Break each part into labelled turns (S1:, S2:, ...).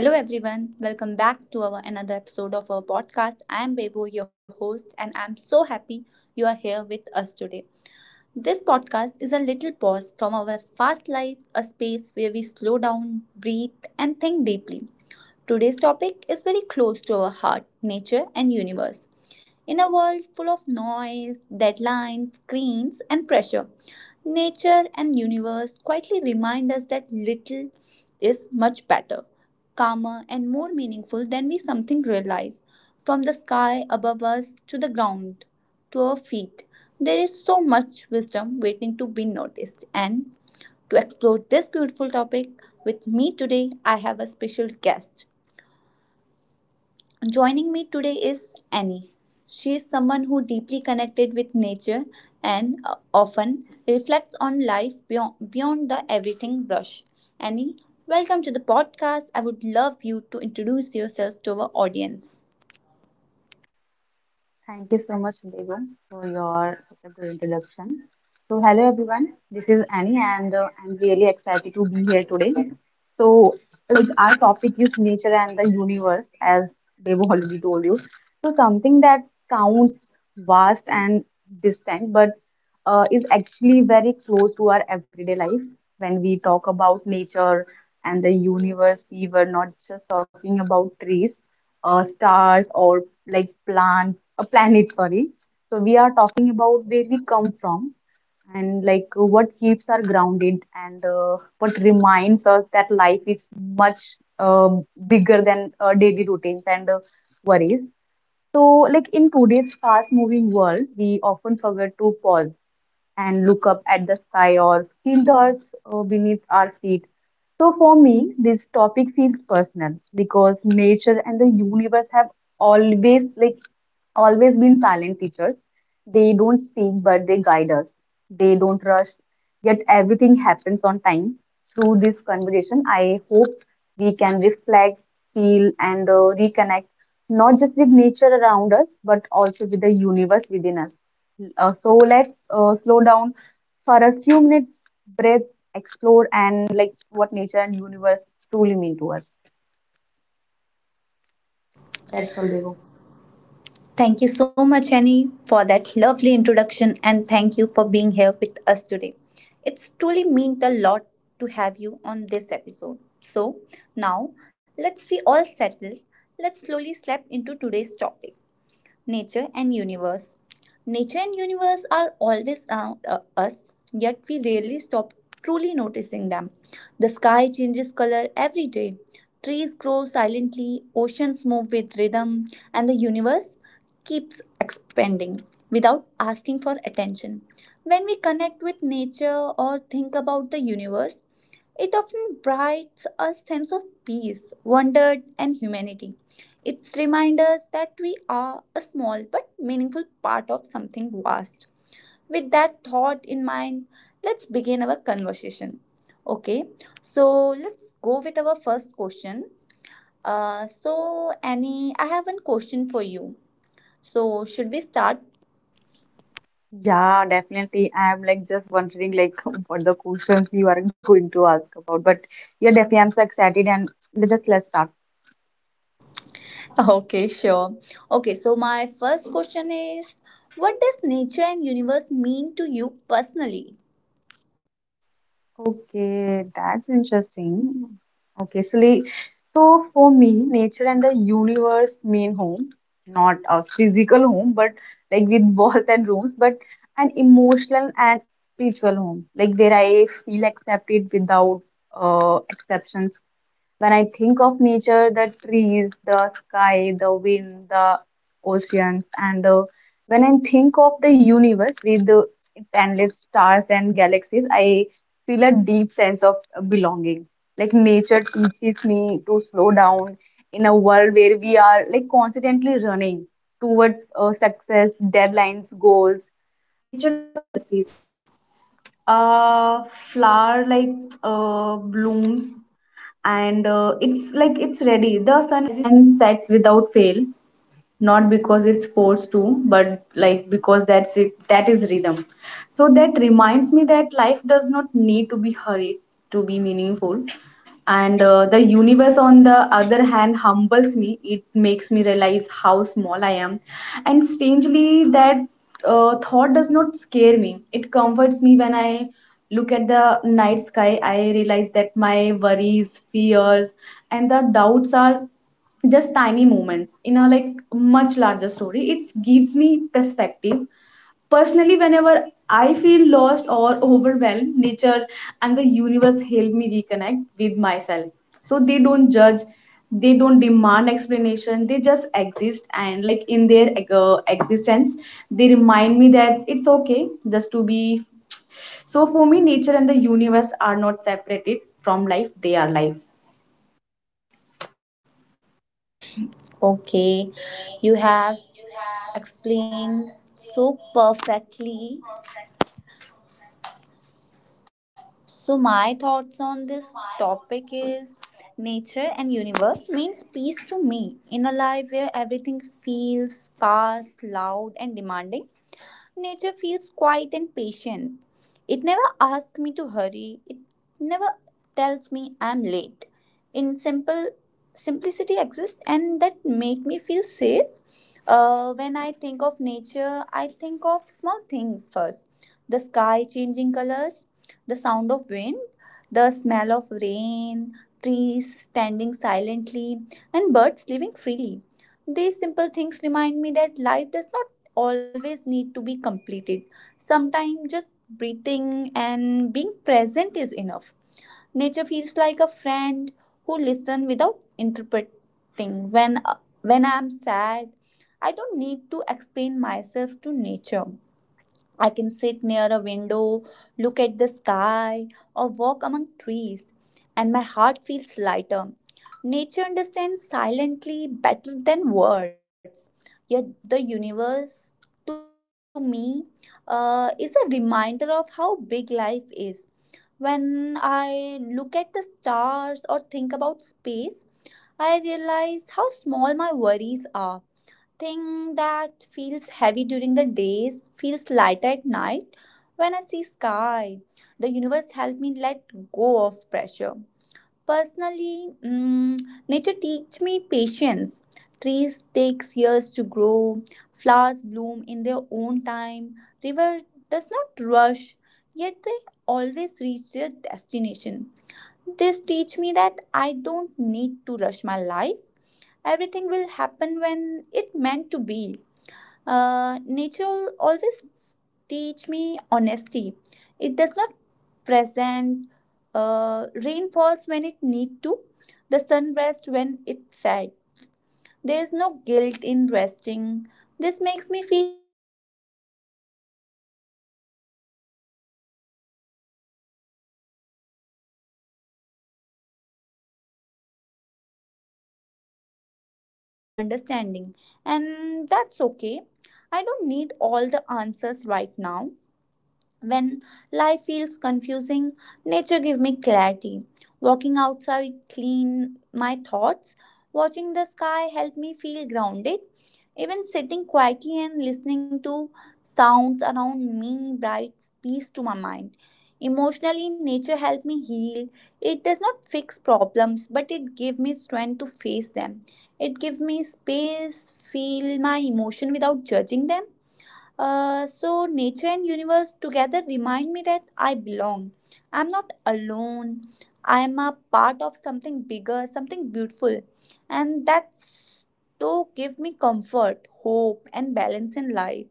S1: Hello everyone, welcome back to our another episode of our podcast. I am Bebo, your host, and I'm so happy you are here with us today. This podcast is a little pause from our fast lives, a space where we slow down, breathe, and think deeply. Today's topic is very close to our heart, nature, and universe. In a world full of noise, deadlines, screens, and pressure, nature and universe quietly remind us that little is much better, calmer, and more meaningful than we something realize. From the sky above us to the ground, to our feet. There is so much wisdom waiting to be noticed. And to explore this beautiful topic with me today, I have a special guest. Joining me today is Annie. She is someone who deeply connected with nature and often reflects on life beyond the everything rush. Annie, welcome to the podcast. I would love you to introduce yourself to our audience.
S2: Thank you so much, Vibhu, for your such a good introduction. So, hello everyone. This is Annie, and I'm really excited to be here today. So, like our topic is nature and the universe, as Vibhu already told you. So, something that sounds vast and distant, but is actually very close to our everyday life. When we talk about nature and the universe, we were not just talking about trees, stars, or like plants a planet, sorry. So we are talking about where we come from and like what keeps us grounded and what reminds us that life is much bigger than daily routines and worries. So, like in today's fast moving world, we often forget to pause and look up at the sky or feel the earth beneath our feet. So, for me, this topic feels personal because nature and the universe have always, like, always been silent teachers. They don't speak, but they guide us. They don't rush, yet everything happens on time. Through this conversation, I hope we can reflect, feel, and reconnect not just with nature around us, but also with the universe within us. So let's slow down for a few minutes, breathe, explore, and like what nature and universe truly mean to us. That's all, Bebo.
S1: Thank you so much, Annie, for that lovely introduction, and thank you for being here with us today. It's truly meant a lot to have you on this episode. So, now let's be all settled. Let's slowly slap into today's topic nature and universe. Nature and universe are always around us, yet we rarely stop truly noticing them. The sky changes color every day. Trees grow silently, oceans move with rhythm, and the universe keeps expanding without asking for attention. When we connect with nature or think about the universe, it often brights a sense of peace, wonder, and humanity. It reminds us that we are a small but meaningful part of something vast. With that thought in mind, let's begin our conversation. Okay, so let's go with our first question. So, Annie, I have one question for you. So, should we start?
S2: Yeah, definitely. I'm like just wondering like what the questions you are going to ask about, but yeah, definitely I'm so excited and let's start.
S1: Okay, sure. Okay, so my first question is: what does nature and universe mean to you personally?
S2: Okay, that's interesting. Okay, Sally. So for me, nature and the universe mean home, not a physical home, but like with walls and rooms, but an emotional and spiritual home, like where I feel accepted without exceptions. When I think of nature, the trees, the sky, the wind, the oceans, and when I think of the universe with its endless stars and galaxies, I feel a deep sense of belonging. Like nature teaches me to slow down in a world where we are like constantly running towards success, deadlines, goals. Because it's forced to, but like because that's it, that is rhythm. So that reminds me that life does not need to be hurried to be meaningful. And the universe, on the other hand, humbles me. It makes me realize how small I am. And strangely, that thought does not scare me. It comforts me when I look at the night sky. I realize that my worries, fears, and the doubts are just tiny moments in a like much larger story. It gives me perspective. Personally, whenever I feel lost or overwhelmed, nature and the universe help me reconnect with myself. So they don't judge, they don't demand explanation, they just exist, and like in their existence, they remind me that it's okay just to be. So for me, nature and the universe are not separated from life. They are life.
S1: Okay, you have explained so perfectly. So, my thoughts on this topic is nature and universe means peace to me. In a life where everything feels fast, loud, and demanding, nature feels quiet and patient. It never asks me to hurry. It never tells me I'm late. In simple simplicity exists and that make me feel safe. When I think of nature, I think of small things first. The sky changing colors, the sound of wind, the smell of rain, trees standing silently, and birds living freely. These simple things remind me that life does not always need to be completed. Sometimes just breathing and being present is enough. Nature feels like a friend who listens without interpreting. When I'm sad, I don't need to explain myself to nature. I can sit near a window, look at the sky, or walk among trees, and my heart feels lighter. Nature understands silently better than words. Yet the universe, to me, is a reminder of how big life is. When I look at the stars or think about space, I realize how small my worries are, thing that feels heavy during the days feels lighter at night when I see sky. The universe helped me let go of pressure. Personally, nature teach me patience. Trees takes years to grow, flowers bloom in their own time. River does not rush, yet they always reach their destination. This teach me that I don't need to rush my life. Everything will happen when it meant to be. Nature will always teach me honesty. It does not present. Rain falls when it need to. The sun rests when it's sad. There is no guilt in resting. This makes me feel okay about slowing down and taking breath. The universe teach me humanity. It remind me that I don't need to control everything. There are many things beyond my understanding and that's okay. I don't need all the answers right now. When life feels confusing, nature gives me clarity. Walking outside clean my thoughts. Watching the sky help me feel grounded. Even sitting quietly and listening to sounds around me brings peace to my mind. Emotionally, nature helped me heal. It does not fix problems, but it gives me strength to face them. It gives me space, feel my emotion without judging them. So nature and universe together remind me that I belong. I'm not alone. I'm a part of something bigger, something beautiful, and that's to give me comfort, hope, and balance in life.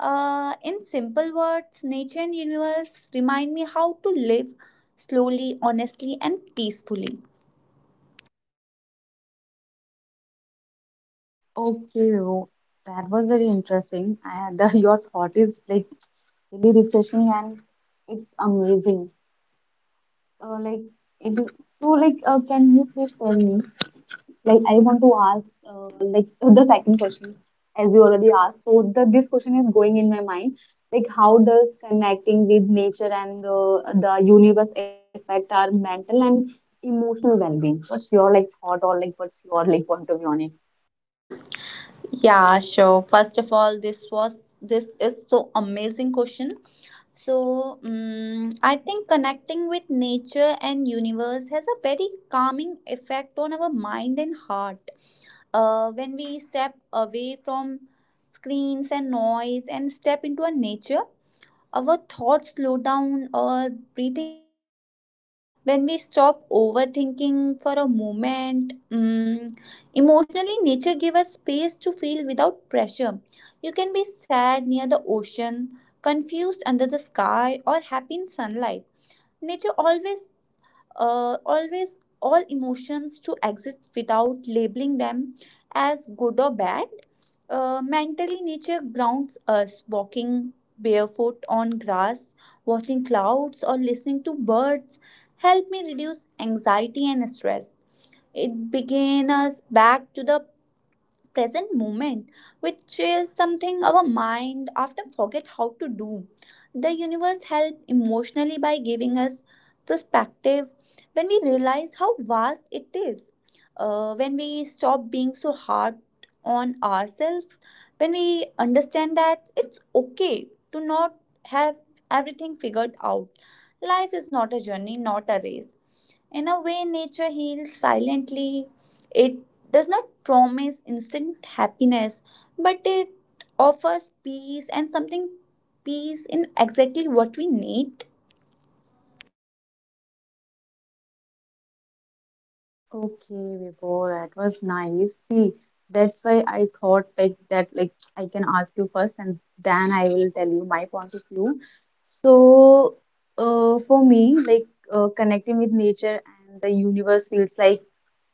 S1: In simple words, nature and universe remind me how to live slowly, honestly, and peacefully.
S2: Okay, Ro, that was very interesting. Your thought is like really refreshing and it's amazing. Like it is so like can you please tell me like I want to ask like the second question as you already asked. So the this question is going in my mind like how does connecting with nature and the universe affect our mental and emotional well-being? What's your like thought or like what's your like point of view on it?
S1: Yeah, sure. First of all, this is so amazing question. So, I think connecting with nature and universe has a very calming effect on our mind and heart. When we step away from screens and noise and step into a nature, our thoughts slow down, our breathing become deeper. When we stop overthinking for a moment, emotionally, nature gives us space to feel without pressure. You can be sad near the ocean, confused under the sky, or happy in sunlight. Nature always all emotions to exist without labeling them as good or bad. Mentally, nature grounds us walking barefoot on grass, watching clouds, or listening to birds help me reduce anxiety and stress. It began us back to the present moment, which is something our mind often forget how to do. The universe helps emotionally by giving us perspective when we realize how vast it is. When we stop being so hard on ourselves, when we understand that it's okay to not have everything figured out, life is not a journey, not a race. In a way, nature heals silently. It does not promise instant happiness, but it offers peace and something peace in exactly what we need.
S2: Okay, Vibhor, that was nice. See, that's why I thought like that like I can ask you first and then I will tell you my point of view. So, for me, like connecting with nature and the universe feels like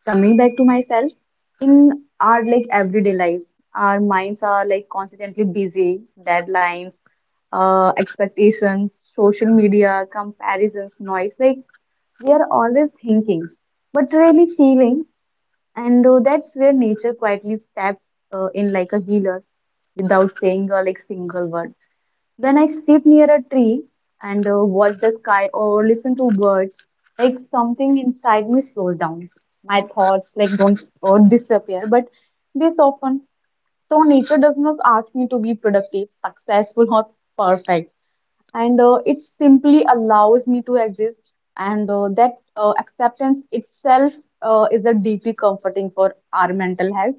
S2: coming back to myself in our like everyday lives. Our minds are like constantly busy, deadlines, expectations, social media, comparisons, noise. Like we are always thinking but really feeling and that's where nature quietly steps in like a healer without saying a like single word. When I sit near a tree and watch the sky or listen to birds, like something inside me slows down. My thoughts like don't or disappear, but this often. So nature does not ask me to be productive, successful, or perfect, and it simply allows me to exist, and that acceptance itself is a deeply comforting for our mental health,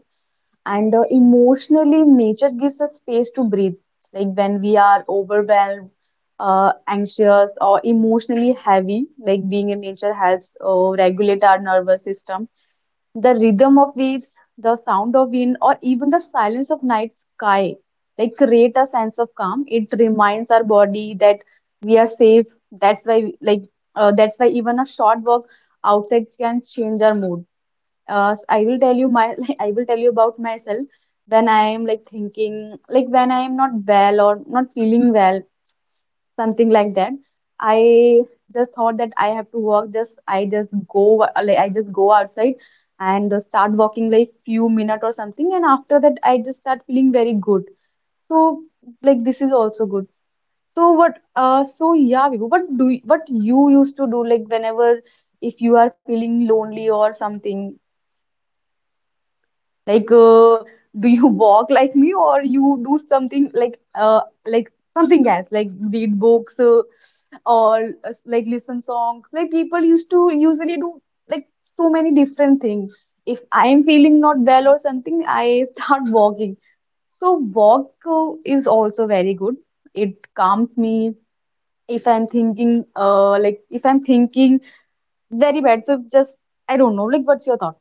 S2: and emotionally nature gives us space to breathe like when we are overwhelmed, anxious or emotionally heavy, like being in nature helps regulate our nervous system. The rhythm of waves, the sound of wind, or even the silence of night sky, like create a sense of calm. It reminds our body that we are safe. That's why, like, that's why even a short walk outside can change our mood. I will tell you my, like, I will tell you about myself when I am like thinking, like when I am not well or not feeling well, something like that. I just thought that I have to work. Just I just go like I just go outside and start walking like few minutes or something, and after that I just start feeling very good. So like this is also good. So what? So yeah, Vibhu, what you used to do like whenever if you are feeling lonely or something? Like, do you walk like me, or you do something like something else, like read books or like listen songs? Like people used to usually do like so many different things. If I am feeling not well or something, I start walking. So walk is also very good. It calms me. If I'm thinking, like if I'm thinking very bad, so just I don't know. Like, what's your thought?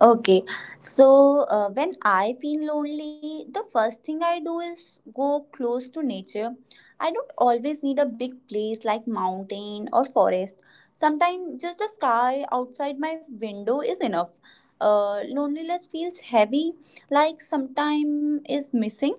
S1: Okay, so when I feel lonely, the first thing I do is go close to nature. I don't always need a big place like mountain or forest. Sometimes just the sky outside my window is enough. Loneliness feels heavy, like sometime is missing.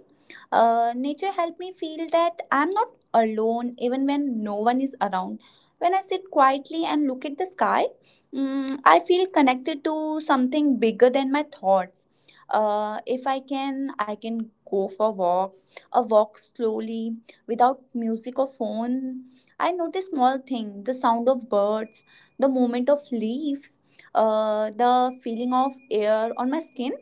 S1: Nature helped me feel that I'm not alone even when no one is around. When I sit quietly and look at the sky, I feel connected to something bigger than my thoughts. If I can, I can go for a walk slowly without music or phone. I notice small things, the sound of birds, the movement of leaves, the feeling of air on my skin.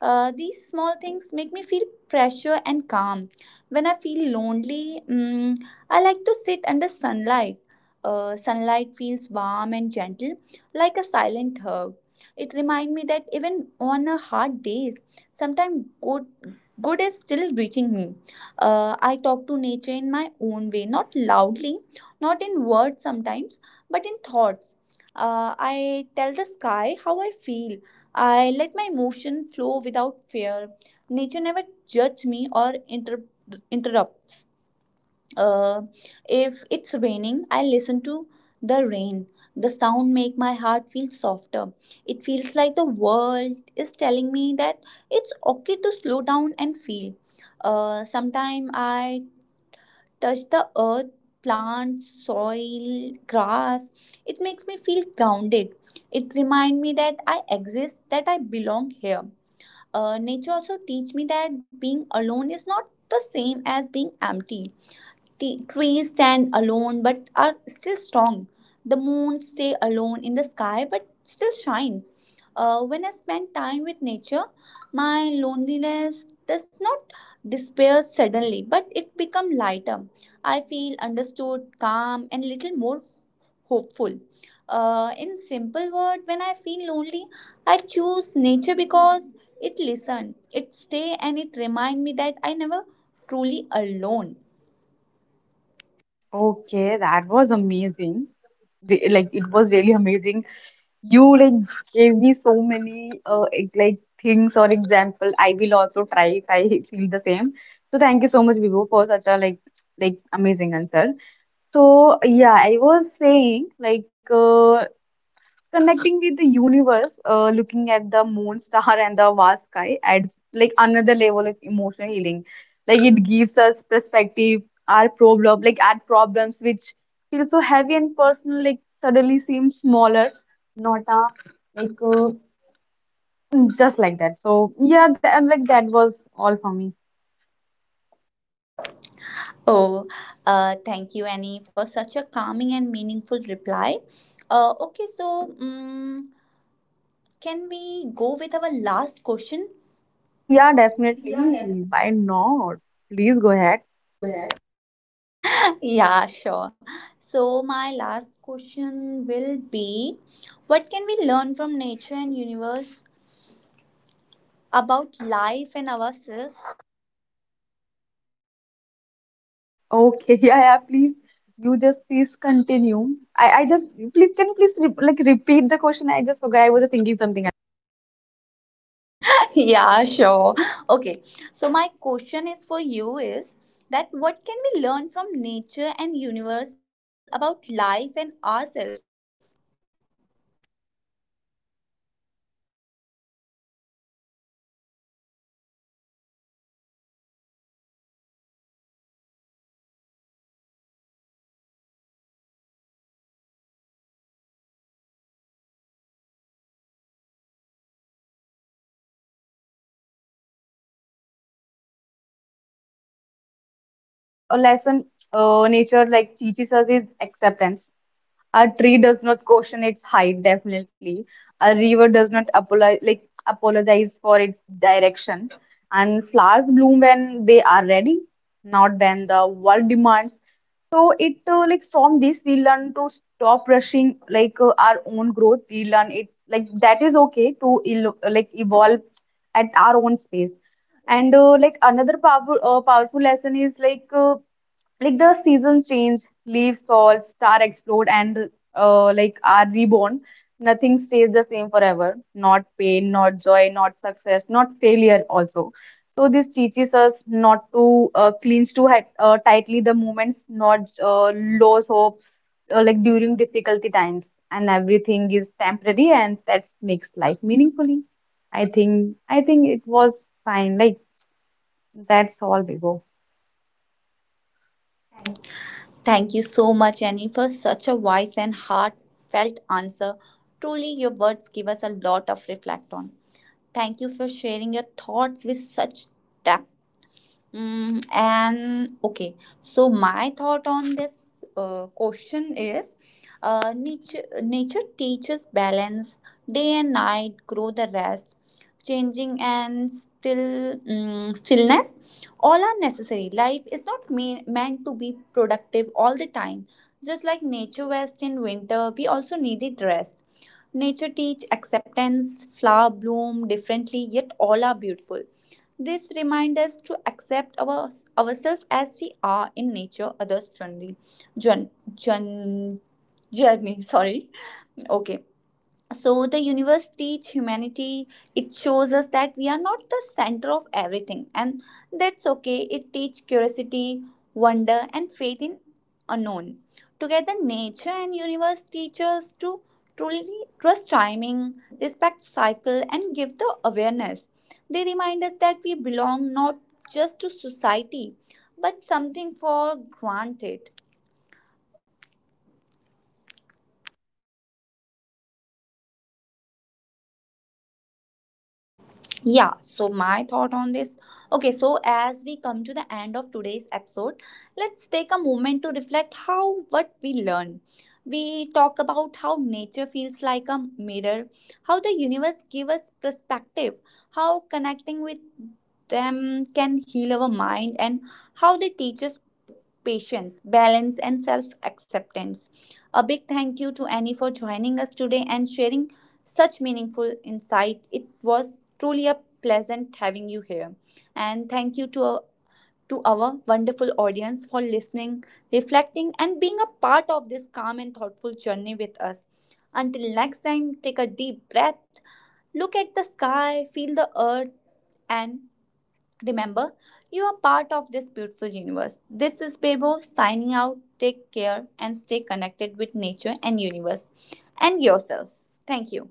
S1: These small things make me feel pressure and calm. When I feel lonely, I like to sit under sunlight. Sunlight feels warm and gentle like a silent hug. It reminds me that even on a hard days, sometimes good is still reaching me. I talk to nature in my own way, not loudly, not in words sometimes, but in thoughts. I tell the sky how I feel. I let my emotion flow without fear. Nature never judges me or interrupts. Uh, if it's raining, I listen to the rain. The sound make my heart feel softer. It feels like the world is telling me that it's okay to slow down and feel. Sometime I touch the earth, plants, soil, grass. It makes me feel grounded. It reminds me that I exist, that I belong here. Nature also teach me that being alone is not the same as being empty. The trees stand alone but are still strong. The moon stay alone in the sky but still shines. When I spend time with nature, my loneliness does not disappear suddenly, but it becomes lighter. I feel understood, calm, and little more hopeful. In simple word, when I feel lonely, I choose nature because it listen, it stay, and it remind me that I never truly alone.
S2: Okay, that was amazing. Like it was really amazing. You like gave me so many like things or example. I will also try if I feel the same. So thank you so much, Vibhu, for such a like amazing answer. So yeah, I was saying like connecting with the universe, looking at the moon, star, and the vast sky adds like another level of emotional healing. Like it gives us perspective, like our problems which feel so heavy and personal, like suddenly seem smaller, not a like just like that. So yeah, that, like that was all for me.
S1: Oh, thank you, Annie, for such a calming and meaningful reply. Okay, so can we go with our last question?
S2: Yeah,
S1: Yeah,
S2: definitely.
S1: definitely.
S2: Why not? Please go ahead.
S1: You go ahead. Yeah, sure. So, my last question will be: what can we learn from nature and universe about life and ourselves?
S2: Okay, yeah, yeah, please. You just please continue. I just please can you please re like repeat the question? I just forgot. I was thinking something.
S1: Yeah, sure. Okay, so my question is for you is that what can we learn from nature and universe about life and ourselves?
S2: Okay, that was oh, sounding very interesting. Yeah. Okay. So nature and the universe, like our greatest teachers, as like previously I already told you, Bebo, like quite patient, like it's quiet, patience and honest. Like they don't preach, but they show like us how life actually works. The first lesson nature like teaches us is acceptance. A tree does not question its height, definitely. A river does not apologize, like apologize for its direction. And flowers bloom when they are ready, not when the world demands. So it like from this we learn to stop rushing like our own growth. We learn it's like that is okay to like evolve at our own space. And like another powerful lesson is like. Like the seasons change, leaves fall, star explode, and like are reborn. Nothing stays the same forever. Not pain, not joy, not success, not failure also. So this teaches us not to cling tightly the moments, not lose hopes, like during difficulty times. And everything is temporary, and that makes life meaningfully. I think it was fine. Like that's all, Bibo.
S1: Thank you so much, Annie, for such a wise and heartfelt answer. Truly, your words give us a lot of reflect on. Thank you for sharing your thoughts with such depth. And okay, so my thought on this question is nature teaches balance, day and night, grow the rest, changing and still stillness. All are necessary. Life is not meant to be productive all the time. Just like nature rest in winter, we also needed rest. Nature teach acceptance, flower bloom differently, yet all are beautiful. This reminds us to accept ourselves as we are in nature, others' journey. Jour- jour- journey, sorry. Okay, so the universe teach humanity. It shows us that we are not the center of everything and that's okay. It teach curiosity, wonder, and faith in unknown. Together nature and universe teach us to truly trust timing, respect cycle, and give the awareness. They remind us that we belong not just to society but something for granted. Yeah, so my thought on this. Okay, so as we come to the end of today's episode, let's take a moment to reflect how what we learn. We talk about how nature feels like a mirror, how the universe gives us perspective, how connecting with them can heal our mind, and how they teach us patience, balance, and self acceptance. A big thank you to Annie for joining us today and sharing such meaningful insight. It was truly a pleasant having you here. And thank you to our wonderful audience for listening, reflecting, and being a part of this calm and thoughtful journey with us. Until next time, take a deep breath, look at the sky, feel the earth, and remember, you are part of this beautiful universe. This is Bebo signing out. Take care and stay connected with nature and universe and yourself. Thank you.